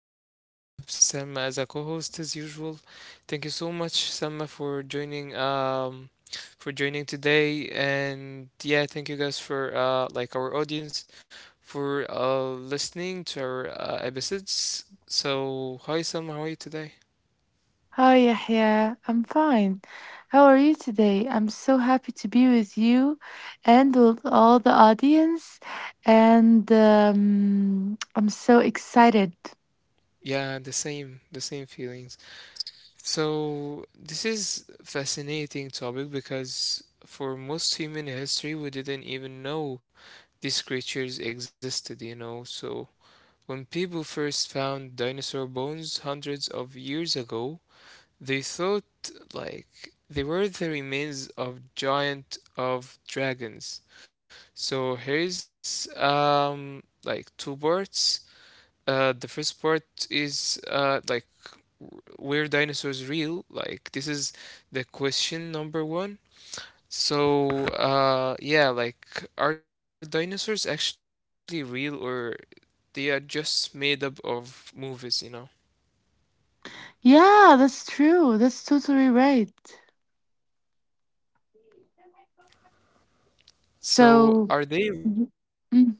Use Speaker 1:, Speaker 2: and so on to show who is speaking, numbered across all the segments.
Speaker 1: today as a host, and I have Salma as a co-host as usual. Thank you so much, Salma, for joining. For joining today, and yeah, thank you guys for like our audience for listening to our episodes. So, hi Salma, how are you today?
Speaker 2: Hi, Yahya. I'm fine. How are you today? I'm so happy to be with you and with all the audience. And I'm so excited.
Speaker 1: Yeah, the same feelings. So this is fascinating topic because for most human history we didn't even know these creatures existed, you know. So when people first found dinosaur bones hundreds of years ago, they thought like they were the remains of giant of dragons. So here's like two parts. The first part is like, were dinosaurs real? Like, this is the question number one. So, yeah, like, are dinosaurs actually real or they are just made up of movies, you know?
Speaker 2: Yeah, that's true. That's totally right.
Speaker 1: So,
Speaker 2: So,
Speaker 1: are they
Speaker 2: Mhm.
Speaker 1: real?
Speaker 2: Mm.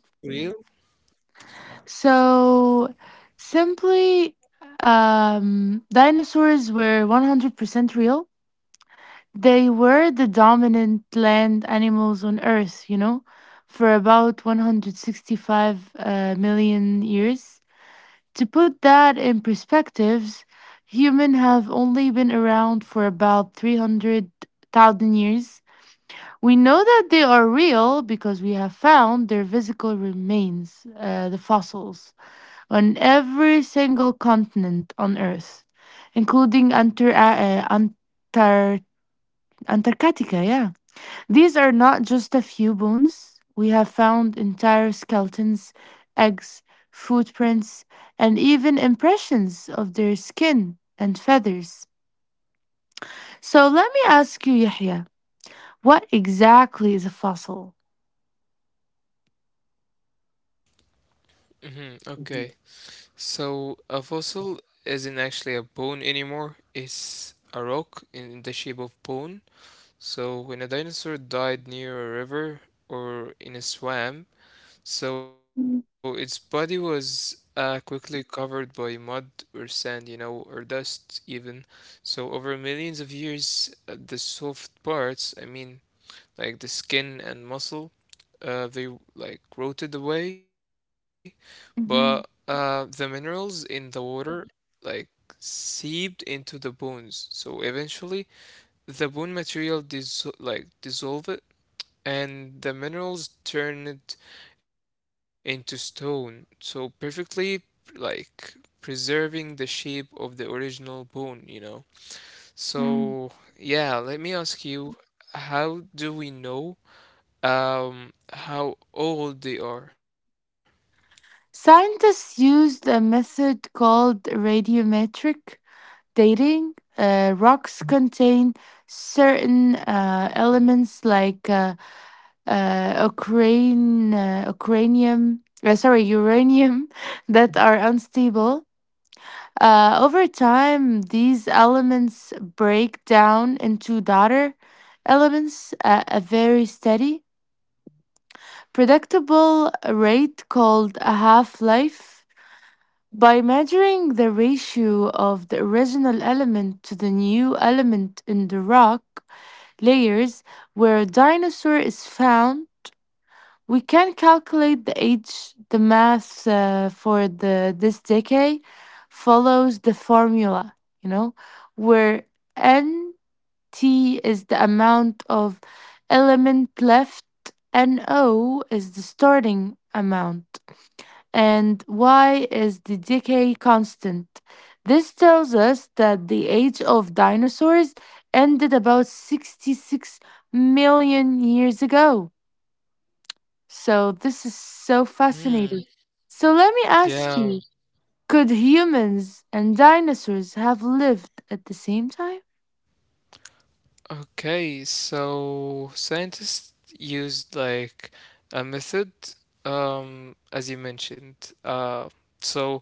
Speaker 2: So simply, dinosaurs were 100% real. They were the dominant land animals on Earth, you know, for about 165 million years. To put that in perspectives, humans have only been around for about 300,000 years. We know that they are real because we have found their physical remains, the fossils, on every single continent on Earth, including Antarctica, yeah. These are not just a few bones. We have found entire skeletons, eggs, footprints, and even impressions of their skin and feathers. So let me ask you, Yahya, what exactly is a fossil?
Speaker 1: Okay. So, a fossil isn't actually a bone anymore. It's a rock in the shape of bone. So when a dinosaur died near a river or in a swamp, so its
Speaker 2: Mm,
Speaker 1: body was quickly covered by mud or sand, you know, or dust even. So over millions of years, the soft parts, I mean, like the skin and muscle, they like rotted away, but the
Speaker 2: Mhm,
Speaker 1: minerals in the water like seeped into the bones. So eventually, the bone material dis like dissolved and the minerals turned into stone, so perfectly like preserving the shape of the original bone, you know. So,
Speaker 2: mm.
Speaker 1: yeah, let me ask you, how do we know how old they are?
Speaker 2: Scientists used a method called radiometric dating. Rocks contain certain elements like uh, Ukraine, uh, Ukrainium, uranium that are unstable. Over time, these elements break down into daughter elements at a very steady, predictable rate called a half life. By measuring the ratio of the original element to the new element in the rock layers where a dinosaur is found, we can calculate the age. The math, for the this decade, follows the formula, you know, where nt is the amount of element left, N o is the starting amount, and y is the decay constant. This tells us that the age of dinosaurs ended about 66 million years ago. So this is so
Speaker 1: Hmm.
Speaker 2: fascinating. So let me
Speaker 1: Yeah.
Speaker 2: ask you, could humans and dinosaurs have lived at the same time?
Speaker 1: Okay, so scientists used like a method, as you mentioned. So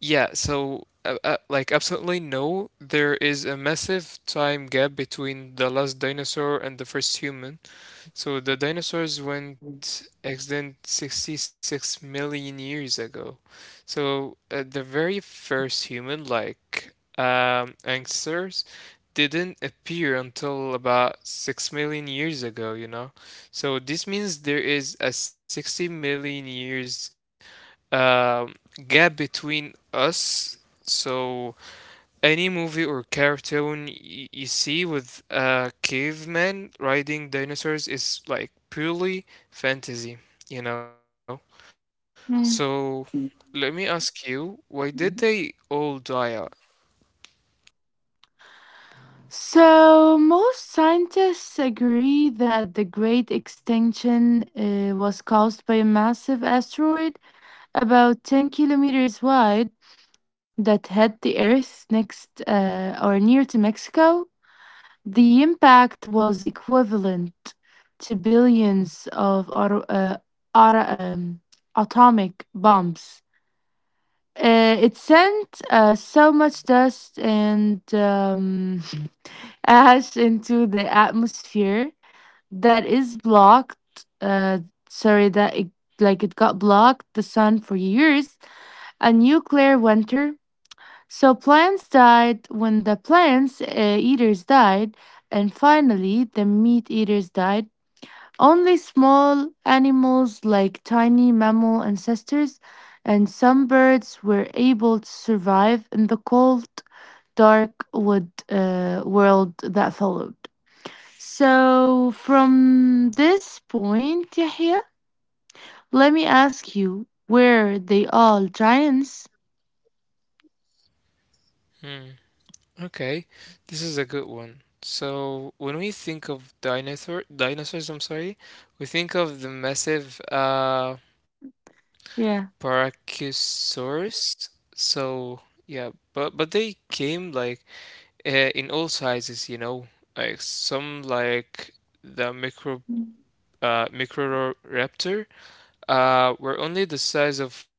Speaker 1: Like absolutely no, there is a massive time gap between the last dinosaur and the first human. So the dinosaurs went extinct 66 million years ago. So the very first human, ancestors, didn't appear until about 6 million years ago, you know? So this means there is a 60 million years um, gap between us. So any movie or cartoon you see with a caveman riding dinosaurs is like purely fantasy, you know?
Speaker 2: Hmm.
Speaker 1: So let me ask you, why did they all die out?
Speaker 2: So, most scientists agree that the Great Extinction was caused by a massive asteroid about 10 kilometers wide that hit the Earth next or near to Mexico. The impact was equivalent to billions of auto, um, atomic bombs. It sent so much dust and ash into the atmosphere that is blocked. Uh, sorry, that it, like it got blocked the sun for years. A nuclear winter, so plants died. When the plants, eaters died, and finally the meat eaters died. Only small animals like tiny mammal ancestors and some birds were able to survive in the cold, dark wood world that followed. So, from this point, Yahya, let me ask you, were they all giants?
Speaker 1: Hmm. Okay, this is a good one. So when we think of dinosaurs, I'm sorry, we think of the massive
Speaker 2: Yeah,
Speaker 1: Brachiosaurus. So yeah, but they came like uh, in all sizes, you know, like some like the Microraptor were only the size of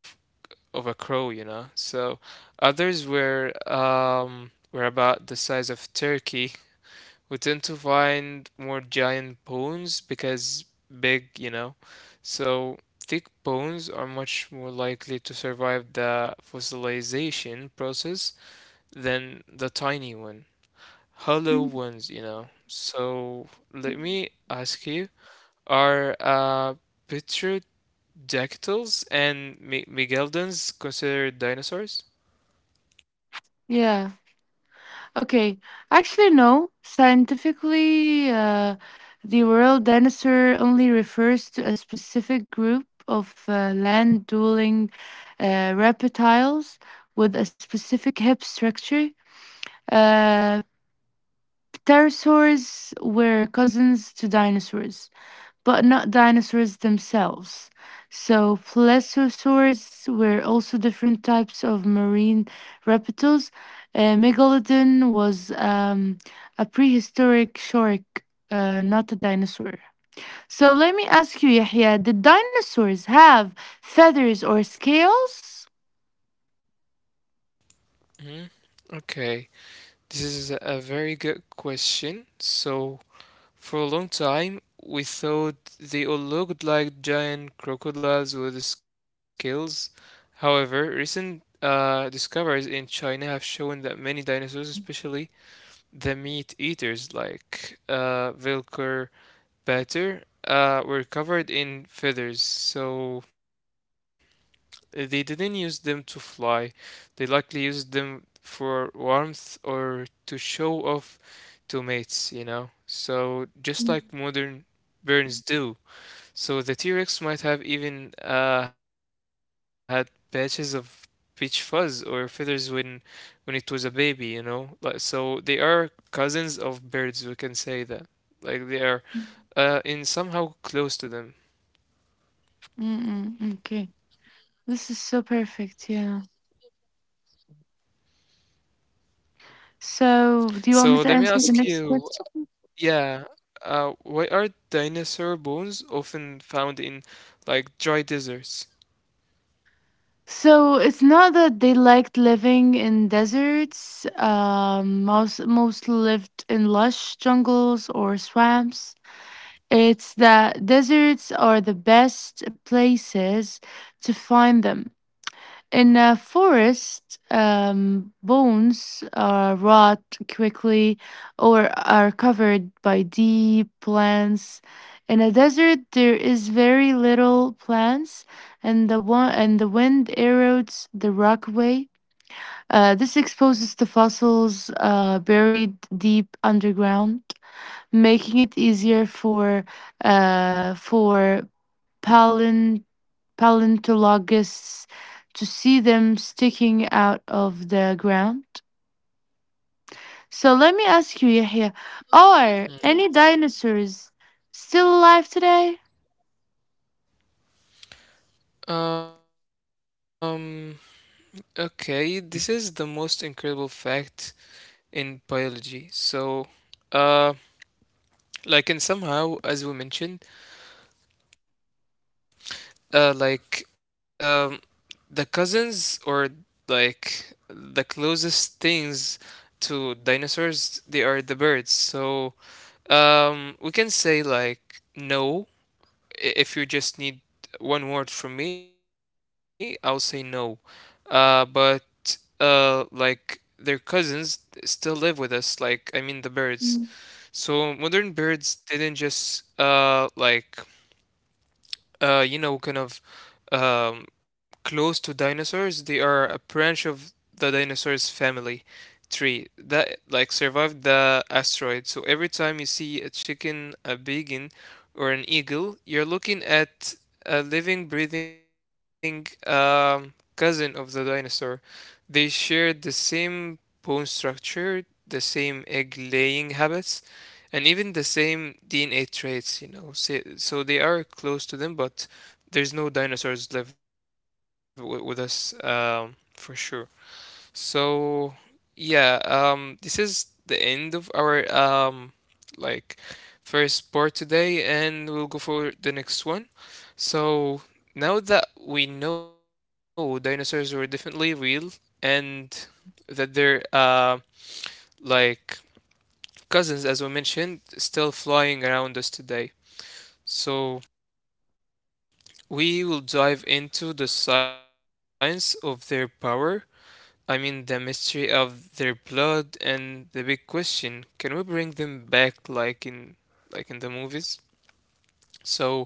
Speaker 1: a crow, you know. So others were about the size of turkey. We tend to find more giant bones because big, you know. So thick bones are much more likely to survive the fossilization process than the tiny one. Hollow ones, you know. So let me ask you, are petrodactyls and megalodons considered dinosaurs?
Speaker 2: yeah. Okay, actually, no. Scientifically, the world dinosaur only refers to a specific group of land dwelling reptiles with a specific hip structure. Uh, pterosaurs were cousins to dinosaurs but not dinosaurs themselves. So, plesiosaurs were also different types of marine reptiles. Megalodon was a prehistoric shark, not a dinosaur. So, let me ask you, Yahya, did dinosaurs have feathers or scales?
Speaker 1: hmm Okay, this is a very good question. So for a long time, we thought they all looked like giant crocodiles with scales. However, recent discoveries in China have shown that many dinosaurs, especially the meat eaters like Velociraptor, were covered in feathers. So they didn't use them to fly, they likely used them for warmth or to show off to mates, you know? So, just like modern burns do. So, the T-Rex might have even had patches of peach fuzz or feathers when it was a baby, you know? Like, so, they are cousins of birds, we can say that. Like, they are in somehow close to them.
Speaker 2: Mm-mm, okay, this is so perfect, yeah. So, do you want me
Speaker 1: So,
Speaker 2: to
Speaker 1: let me
Speaker 2: answer
Speaker 1: ask
Speaker 2: the next
Speaker 1: you,
Speaker 2: question?
Speaker 1: yeah, why are dinosaur bones often found in like dry deserts?
Speaker 2: So it's not that they liked living in deserts. Most lived in lush jungles or swamps. It's that deserts are the best places to find them. In a forest, bones rot quickly or are covered by deep plants. In a desert, there is very little plants, and the one and the wind erodes the rock away. This exposes the fossils buried deep underground, making it easier for palin paleontologists to see them sticking out of the ground. So let me ask you, Yahya, are any
Speaker 1: Mm. Okay.
Speaker 2: dinosaurs still alive today?
Speaker 1: Um, Okay, this is the most incredible fact in biology. So, uh, like, and somehow, as we mentioned, uh, like, um, the cousins or like the closest things to dinosaurs, they are the birds. So, we can say like no, if you just need one word from me, I'll say no. But Like their cousins still live with us. Like I mean the birds. So modern birds didn't just you know, kind of um, close to dinosaurs. They are a branch of the dinosaurs family tree that like survived the asteroid. So every time you see a chicken, a biggin, or an eagle, you're looking at a living, breathing cousin of the dinosaur. They share the same bone structure, the same egg laying habits, and even the same DNA traits, you know, say, so they are close to them, but there's no dinosaurs live with us for sure. So yeah, this is the end of our like first part today, and we'll go for the next one. So now that we know dinosaurs were definitely real and that they're like cousins, as we mentioned, still flying around us today. So, we will dive into the science of their power, I mean, the mystery of their blood, and the big question can we bring them back like in the movies? So,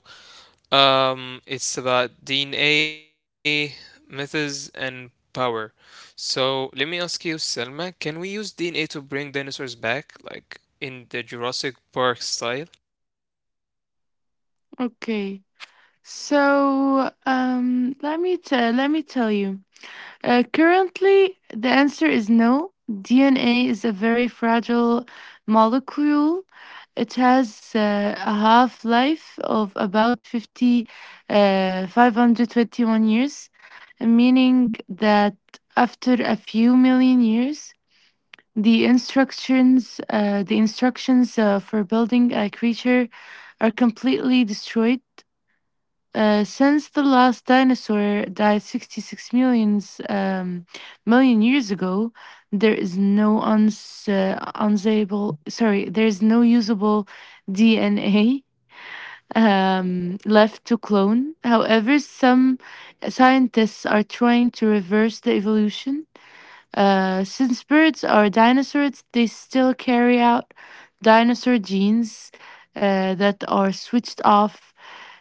Speaker 1: it's about DNA, methods, and power. So, let me ask you, Selma, can we use DNA to bring dinosaurs back, like in the Jurassic Park style?
Speaker 2: Okay. So let me tell you. Currently, the answer is no. DNA is a very fragile molecule. It has a half life of about 521 years, meaning that after a few million years, the instructions for building a creature are completely destroyed. Since the last dinosaur died 66 million years ago, there is no uns unsable sorry, there is no usable DNA left to clone. However, some scientists are trying to reverse the evolution. Since birds are dinosaurs, they still carry out dinosaur genes that are switched off.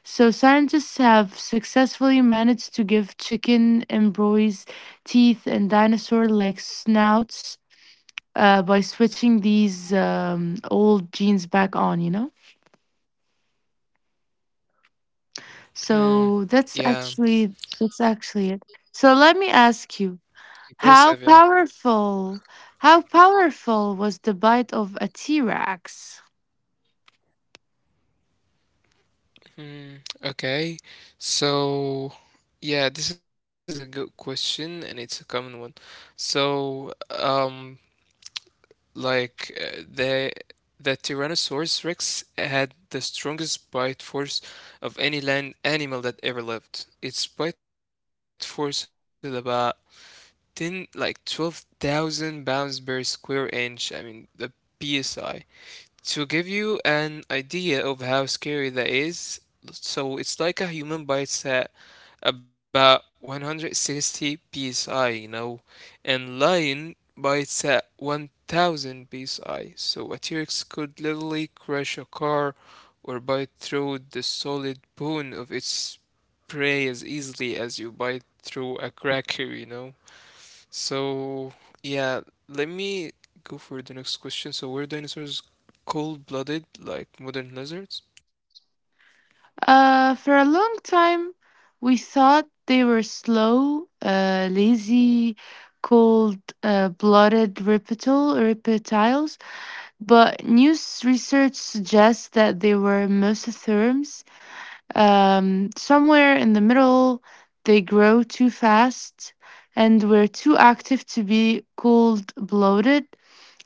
Speaker 2: So scientists have successfully managed to give chicken embryos teeth and dinosaur-like snouts by switching these old genes back on. You know,
Speaker 1: Hmm,
Speaker 2: so that's
Speaker 1: yeah,
Speaker 2: actually that's actually it. So let me ask you,
Speaker 1: impressive, yeah.
Speaker 2: how powerful how powerful was the bite of a T-Rex?
Speaker 1: Hmm, okay. So, yeah, this is a good question and it's a common one. So, the Tyrannosaurus Rex had the strongest bite force of any land animal that ever lived. Its bite force is about 10 like 12,000 pounds per square inch. I mean, the PSI. To give you an idea of how scary that is, so it's like a human bites at about 160 psi, you know, and lion bites at 1000 psi. So a T-Rex could literally crash a car or bite through the solid bone of its prey as easily as you bite through a cracker, you know. So, yeah, let me go for the next question. So, were dinosaurs cold-blooded like modern lizards?
Speaker 2: For a long time, we thought they were slow, lazy, cold blooded reptiles, but new research suggests that they were mesotherms. Somewhere in the middle, they grow too fast and were too active to be cold blooded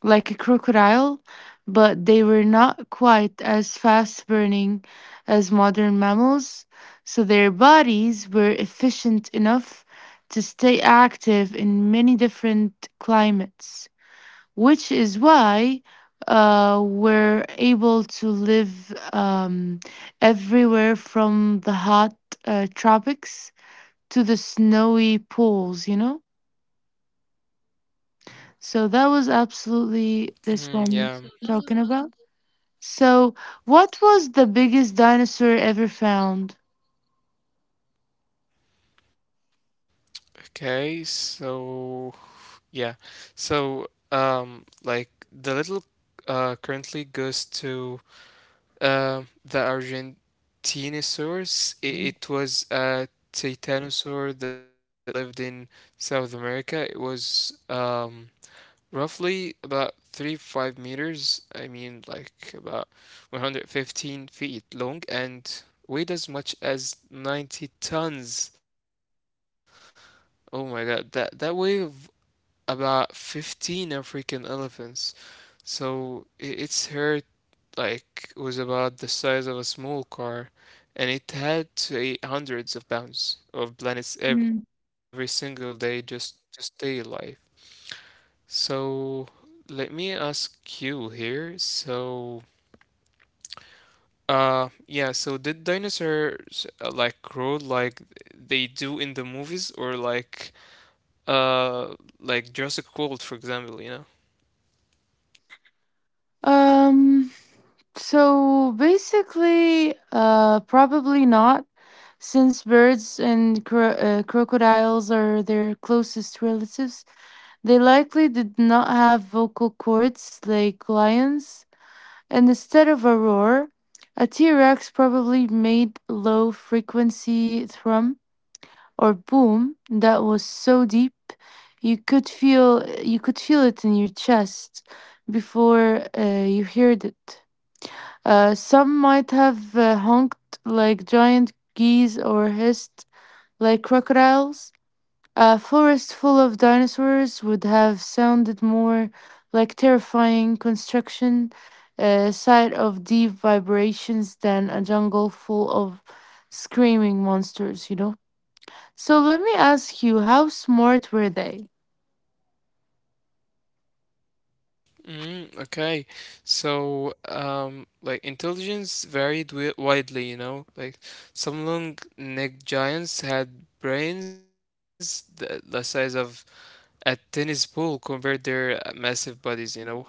Speaker 2: like a crocodile, but they were not quite as fast burning as modern mammals, so their bodies were efficient enough to stay active in many different climates, which is why we're able to live everywhere from the hot tropics to the snowy poles, you know? So that was
Speaker 1: Hmm,
Speaker 2: absolutely
Speaker 1: yeah.
Speaker 2: this one talking about. So, what was the biggest dinosaur ever found?
Speaker 1: Okay, so yeah. So, like the little currently goes to the Argentinosaurus. It was a titanosaur that lived in South America. It was roughly about 35 meters, I mean like about 115 feet long and weighed as much as 90 tons. Oh my God, that weighed about 15 African elephants. So its head like was about the size of a small car and it had to eat hundreds of pounds of
Speaker 2: Mm.
Speaker 1: planets every single day just to stay alive. So let me ask you here. So, yeah, so did dinosaurs like grow like they do in the movies or uh like Jurassic World, for example, you know?
Speaker 2: Um, so basically, probably not, since birds and crocodiles are their closest relatives. They likely did not have vocal cords like lions, and instead of a roar, a T Rex probably made low frequency thrum or boom that was so deep you could feel you could feel it in your chest before you heard it. Some might have honked like giant geese or hissed like crocodiles. A forest full of dinosaurs would have sounded more like terrifying construction, a site of deep vibrations, than a jungle full of screaming monsters, you know? So let me ask you, how smart were they?
Speaker 1: Mm, okay. So, like intelligence varied wi widely, you know? Like some long-necked giants had brains the size of a tennis ball compared their massive bodies, you know. However,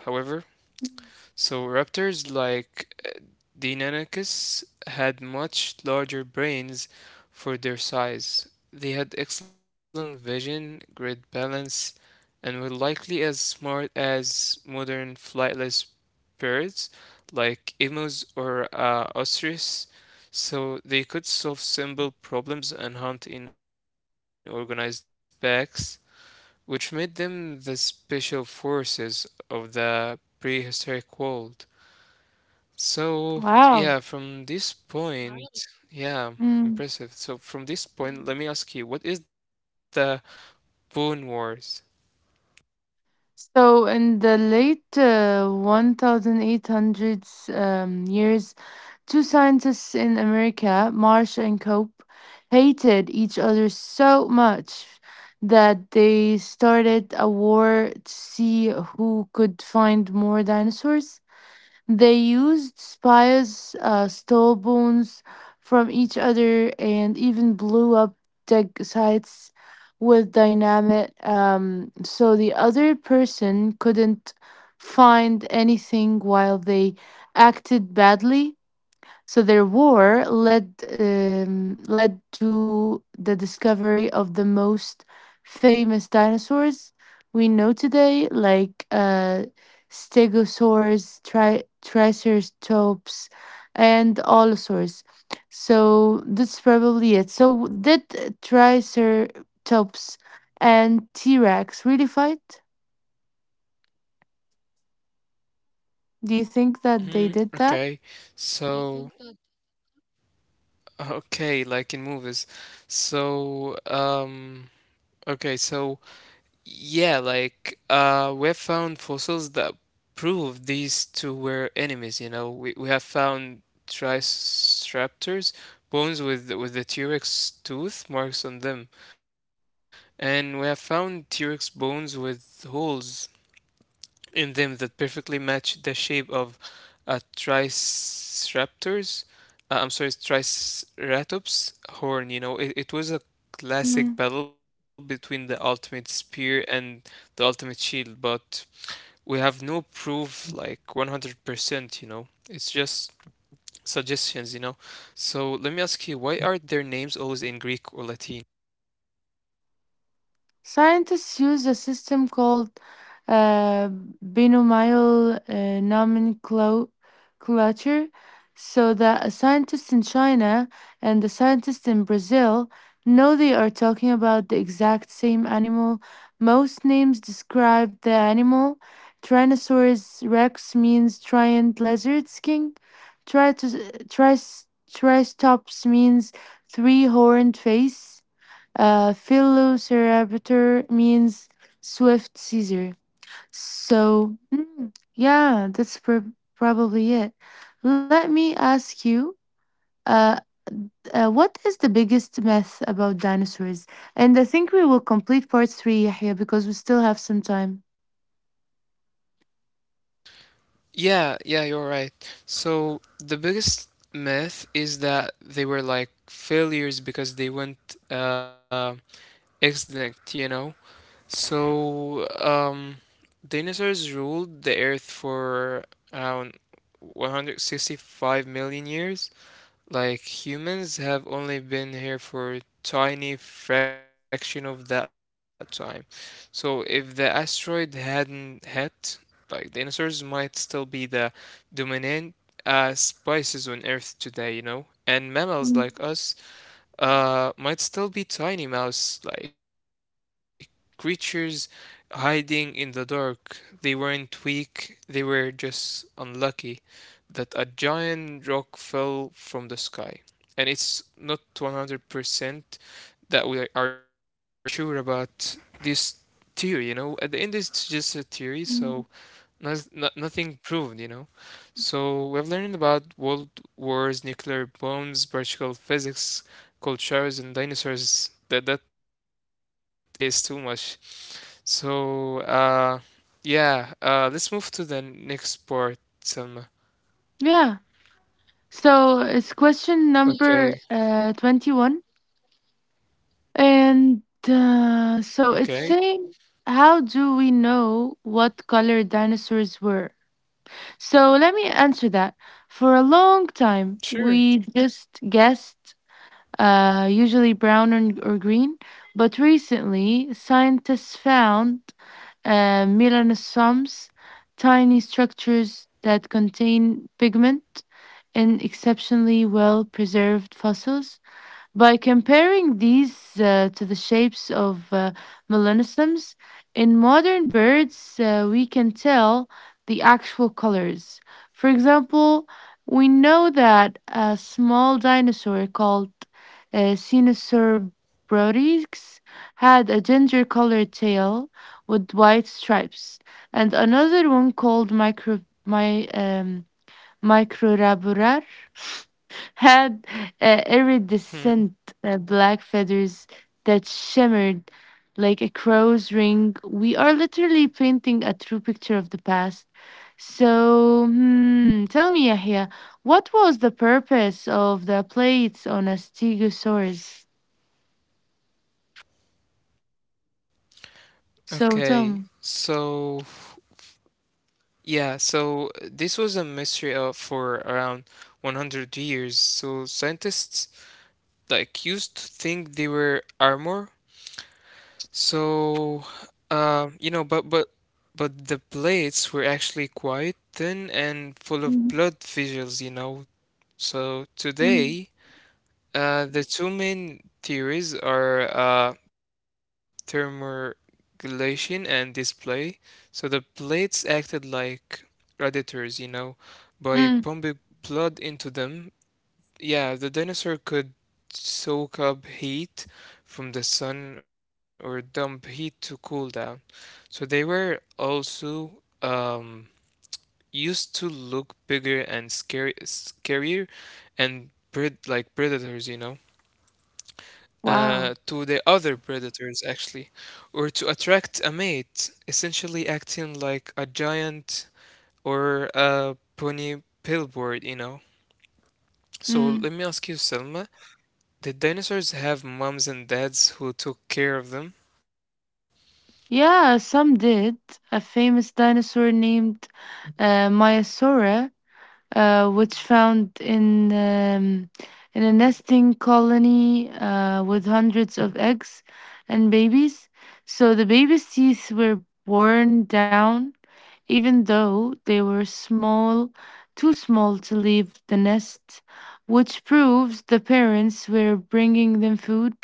Speaker 1: so raptors like Deinonychus had much larger brains for their size. They had excellent vision, great balance, and were likely as smart as modern flightless birds like emus or ostriches. So they could solve simple problems and hunt in organized packs which made them the special forces of the prehistoric world. So,
Speaker 2: Wow.
Speaker 1: yeah, from this point, right. Yeah,
Speaker 2: Mm.
Speaker 1: impressive. So, from this point, let me ask you, what is the Boon Wars?
Speaker 2: So in the late 1800s years, two scientists in America, Marsh and Cope, hated each other so much that they started a war to see who could find more dinosaurs. They used spires, stole bones from each other, and even blew up dig sites with dynamite, so the other person couldn't find anything while they acted badly. So their war led to the discovery of the most famous dinosaurs we know today, like stegosaurs, triceratops, and allosaurs. So that's probably it. So did triceratops and T Rex really fight? Do you
Speaker 1: Hmm,
Speaker 2: think that they
Speaker 1: okay,
Speaker 2: did that?
Speaker 1: so, okay, like in movies. So, okay, so yeah, like we have found fossils that prove these two were enemies, you know. We have found triceratops bones with the T-Rex tooth marks on them, and we have found T-Rex bones with holes in them that perfectly match the shape of a triceratops. I'm sorry, triceratops horn. You know, it was a classic battle between the ultimate spear and the ultimate shield, but we have no proof like 100%, you know. It's just suggestions, you know. So let me ask you, why are their names always in Greek or Latin?
Speaker 2: Scientists use a system called uh, binomial nomenclature so that a scientist in China and a scientist in Brazil know they are talking about the exact same animal. Most names describe the animal. Tyrannosaurus rex means giant lizard king. Tritos- tris- Tristops means three horned face. Velociraptor means swift Caesar. So, mm, yeah, that's probably it. Let me ask you, uh, what is the biggest myth about dinosaurs? And I think we will complete part three, Yahya, because we still have some time.
Speaker 1: Yeah, yeah, you're right. So the biggest myth is that they were like failures because they went extinct, you know? So dinosaurs ruled the earth for around 165 million years, like humans have only been here for a tiny fraction of that time. So if the asteroid hadn't hit, like dinosaurs might still be the dominant species on Earth today, you know? And mammals like
Speaker 2: Mm.
Speaker 1: us might still be tiny mouse like creatures hiding in the dark. They weren't weak, they were just unlucky that a giant rock fell from the sky. And it's not 100% that we are sure about this theory, you know? At the end, it's just a theory, so nothing proved, you know. So we've learned about world wars, nuclear bombs, particle physics, cold showers, and dinosaurs. That is too much. So yeah. Let's move to the next part. Some
Speaker 2: Yeah. So it's question number
Speaker 1: okay,
Speaker 2: 21. And
Speaker 1: okay,
Speaker 2: so it's saying, how do we know what color dinosaurs were? So let me answer that. For a long time, we
Speaker 1: sure.
Speaker 2: just guessed, usually brown and- or green, but recently scientists found melanosomes, tiny structures that contain pigment in exceptionally well preserved fossils. By comparing these to the shapes of melanisms in modern birds, we can tell the actual colors. For example, we know that a small dinosaur called Sinosaurobrotix had a ginger colored tail with white stripes, and another one called my, um, Microraburar had
Speaker 1: Hmm.
Speaker 2: iridescent black feathers that shimmered like a crow's ring. We are literally painting a true picture of the past. So, hmm, tell me, Yahya, what was the purpose of the plates on a stegosaurus?
Speaker 1: Okay,
Speaker 2: So, tell me.
Speaker 1: so yeah, so this was a mystery for around 100 years. So scientists the accused think they were armor. So, um, you know, but but but the blades were actually quite thin and full of
Speaker 2: Mm,
Speaker 1: blood visuals. So
Speaker 2: mm,
Speaker 1: today, the two main theories are thermoregulation and display. So the blades acted like predators, you know, by pumping
Speaker 2: mm.
Speaker 1: blood into them yeah, the dinosaur could soak up heat from the sun or dump heat to cool down. So they were also um, used to look bigger and scary, scarier and pred like predators, you know,
Speaker 2: Wow.
Speaker 1: to the other predators actually, or to attract a mate, essentially acting like a giant or a pony billboard. So
Speaker 2: Mm.
Speaker 1: let me ask you, Selma. Did dinosaurs have moms and dads who took care of them?
Speaker 2: Yeah, some did. A famous dinosaur named Myasaura, which found in a nesting colony with hundreds of eggs and babies. So the baby's teeth were worn down, even though they were small, too small to leave the nest, which proves the parents were bringing them food.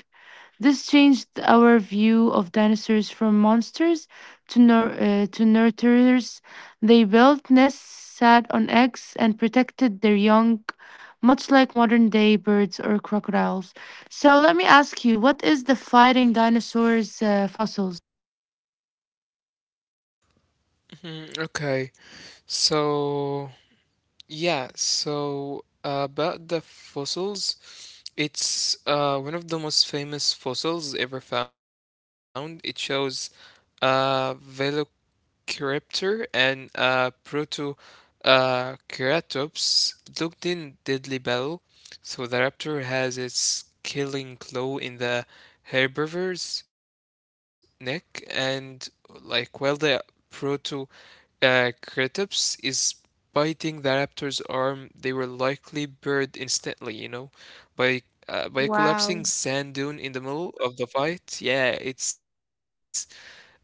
Speaker 2: This changed our view of dinosaurs from monsters to, to nurturers. They built nests, sat on eggs, and protected their young, much like modern day birds or crocodiles. So, let me ask you, what is the fighting dinosaurs' fossils?
Speaker 1: Mhm. Okay, so yeah, so about the fossils, it's one of the most famous fossils ever found. It shows a Cryptor and Proto Ceratops looked in deadly battle, so the raptor has its killing claw in the herbivore's neck, and like while the Proto Ceratops is biting the raptor's arm, they were likely buried instantly, you know, by by
Speaker 2: Wow.
Speaker 1: collapsing sand dune in the middle of the fight. Yeah, it's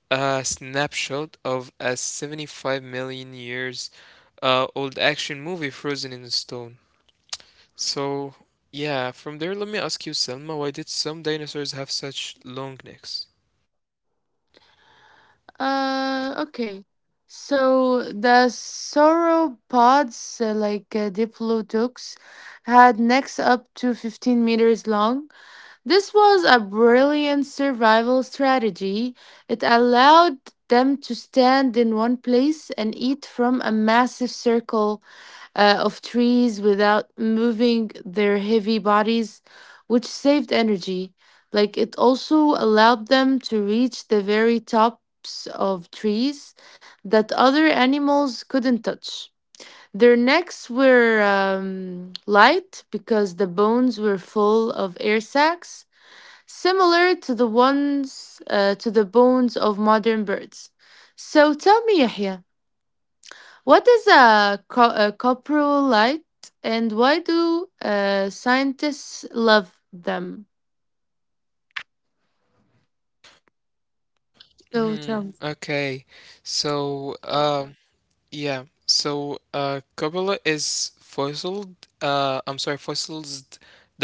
Speaker 1: a snapshot of a 75 million years old action movie frozen in stone. So, yeah, from there, let me ask you, Selma, why did some dinosaurs have such long necks?
Speaker 2: Okay. So the sauropods, like diplodocus, had necks up to 15 meters long. This was a brilliant survival strategy. It allowed them to stand in one place and eat from a massive circle of trees without moving their heavy bodies, which saved energy. Like it also allowed them to reach the very tops of trees that other animals couldn't touch. Their necks were light because the bones were full of air sacs similar to the ones to the bones of modern birds. So tell me, Yahya, what is a, a coprolite, and why do scientists love them? So
Speaker 1: Hmm,
Speaker 2: tell me.
Speaker 1: okay. So, uh, Yeah, so Coppola is fossiled. I'm sorry, fossil's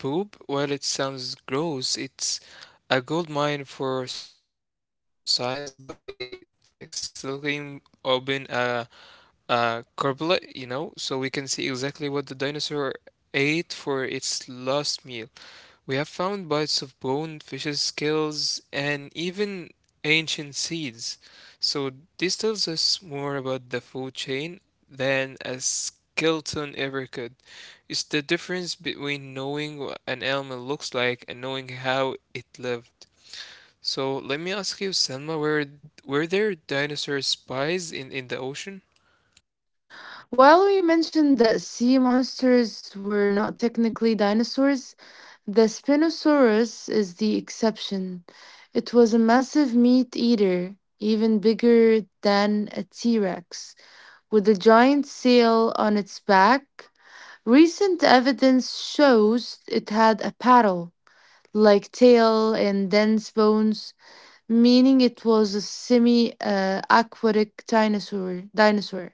Speaker 1: dinosaur poop. While it sounds gross, it's a gold mine for science by like slowly open a corpula, you know, so we can see exactly what the dinosaur ate for its last meal. We have found bites of bone, fishes' scales, and even ancient seeds. So this tells us more about the food chain than a skeleton ever could. It's the difference between knowing what an animal looks like and knowing how it lived. So let me ask you, Selma, were there dinosaur spies in the ocean?
Speaker 2: While we mentioned that sea monsters were not technically dinosaurs, the Spinosaurus is the exception. It was a massive meat eater, even bigger than a T Rex, with a giant sail on its back. Recent evidence shows it had a paddle like tail and dense bones, meaning it was a semi aquatic dinosaur.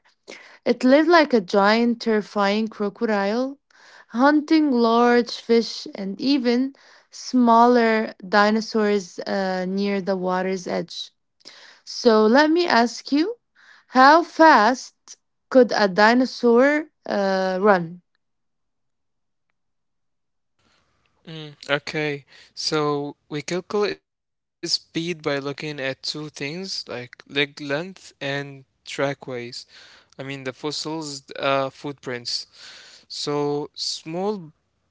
Speaker 2: It lived like a giant, terrifying crocodile, hunting large fish and even smaller dinosaurs near the water's edge. So let me ask you, how fast could a dinosaur run?
Speaker 1: Mm, okay, so we calculate speed by looking at two things like leg length and trackways. I mean the fossils' footprints. So small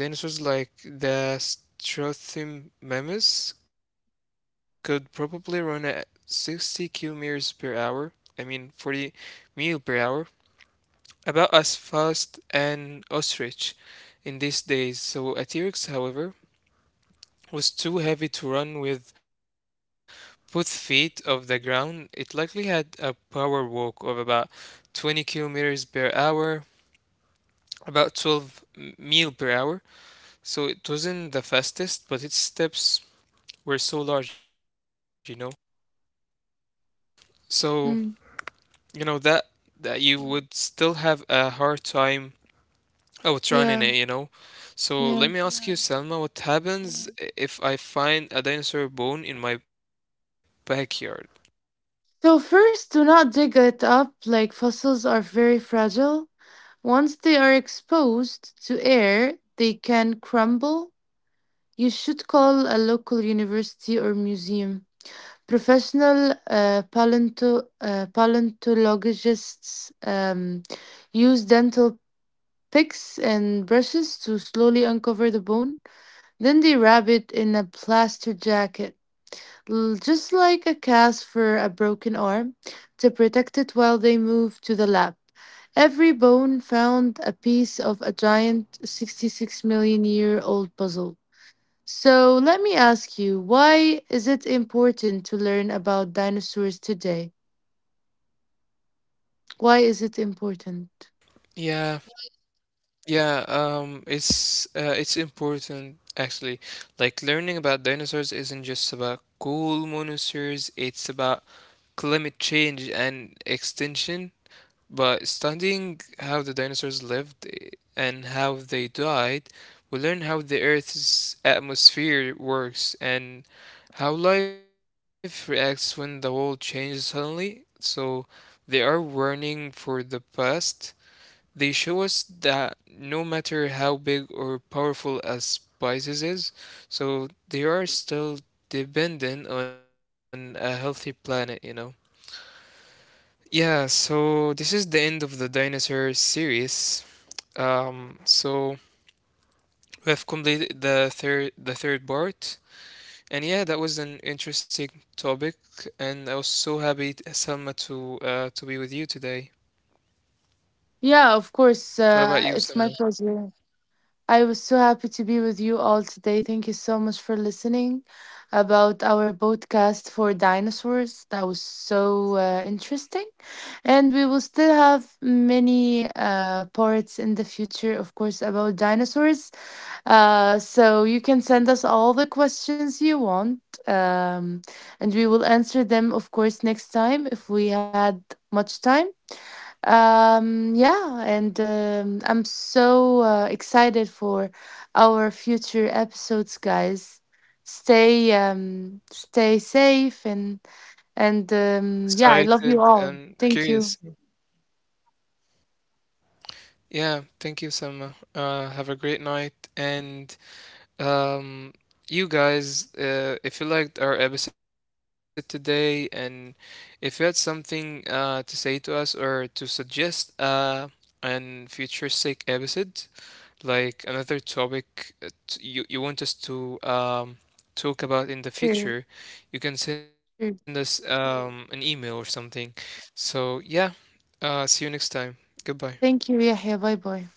Speaker 1: bird like dinosaurs like the Strothymnemus could probably run at 60 kilometers per hour. I mean 40 mile per hour, about as fast an ostrich in these days. So a T-Rex, however, was too heavy to run with both feet off the ground. It likely had a power walk of about 20 kilometers per hour, about mile per hour. So it wasn't the fastest, but its steps were so large. So,
Speaker 2: Mm,
Speaker 1: you know, that that you would still have a hard time
Speaker 2: yeah,
Speaker 1: outrunning it.
Speaker 2: yeah.
Speaker 1: So let me ask you, yeah, Selma, what happens, mhm, if I find a dinosaur bone in my backyard?
Speaker 2: So first, do not dig it up. Like fossils are very fragile. Once they are exposed to air, they can crumble. You should call a local university or museum. Professional paleontologists use dental picks and brushes to slowly uncover the bone. Then they wrap it in a plaster jacket, just like a cast for a broken arm, to protect it while they move to the lab. Every bone found a piece of a giant 66 million year old puzzle. So let me ask you, why is it important to learn about dinosaurs today? Why is it important?
Speaker 1: Yeah. Yeah, it's it's important actually. Like learning about dinosaurs isn't just about cool monosaurs, it's about climate change and extinction. But studying how the dinosaurs lived and how they died, we learn how the Earth's atmosphere works and how life reacts when the world changes suddenly. So they are warning for the past, they show us that no matter how big or powerful a spices is, so they are still dependent on a healthy planet, you know. Yeah, so this is the end of the dinosaur series. So we have completed the third part, and yeah, that was an interesting topic, and I was so happy, Selma, to be with you today.
Speaker 2: Yeah, of course.
Speaker 1: What about you,
Speaker 2: It's my
Speaker 1: Selma?
Speaker 2: pleasure. I was so happy to be with you all today. Thank you so much for listening about our podcast for dinosaurs. That was so interesting. And we will still have many parts in the future, of course, about dinosaurs. So you can send us all the questions you want. Um, and we will answer them, of course, next time if we had much time. Yeah, and I'm so excited for our future episodes, guys. Stay safe and
Speaker 1: Excited
Speaker 2: yeah, I
Speaker 1: and
Speaker 2: love you
Speaker 1: curious.
Speaker 2: all. Thank you.
Speaker 1: Yeah, thank you, Selma. Have a great night. And um, you guys, if you liked our episode today, and if you had something to say to us or to suggest an future sick episode, like another topic that you want us to talk about in the future,
Speaker 2: Sure,
Speaker 1: you can send us
Speaker 2: sure.
Speaker 1: an email or something. So, yeah, see you next time. Goodbye.
Speaker 2: Thank you, Yahya. Bye bye.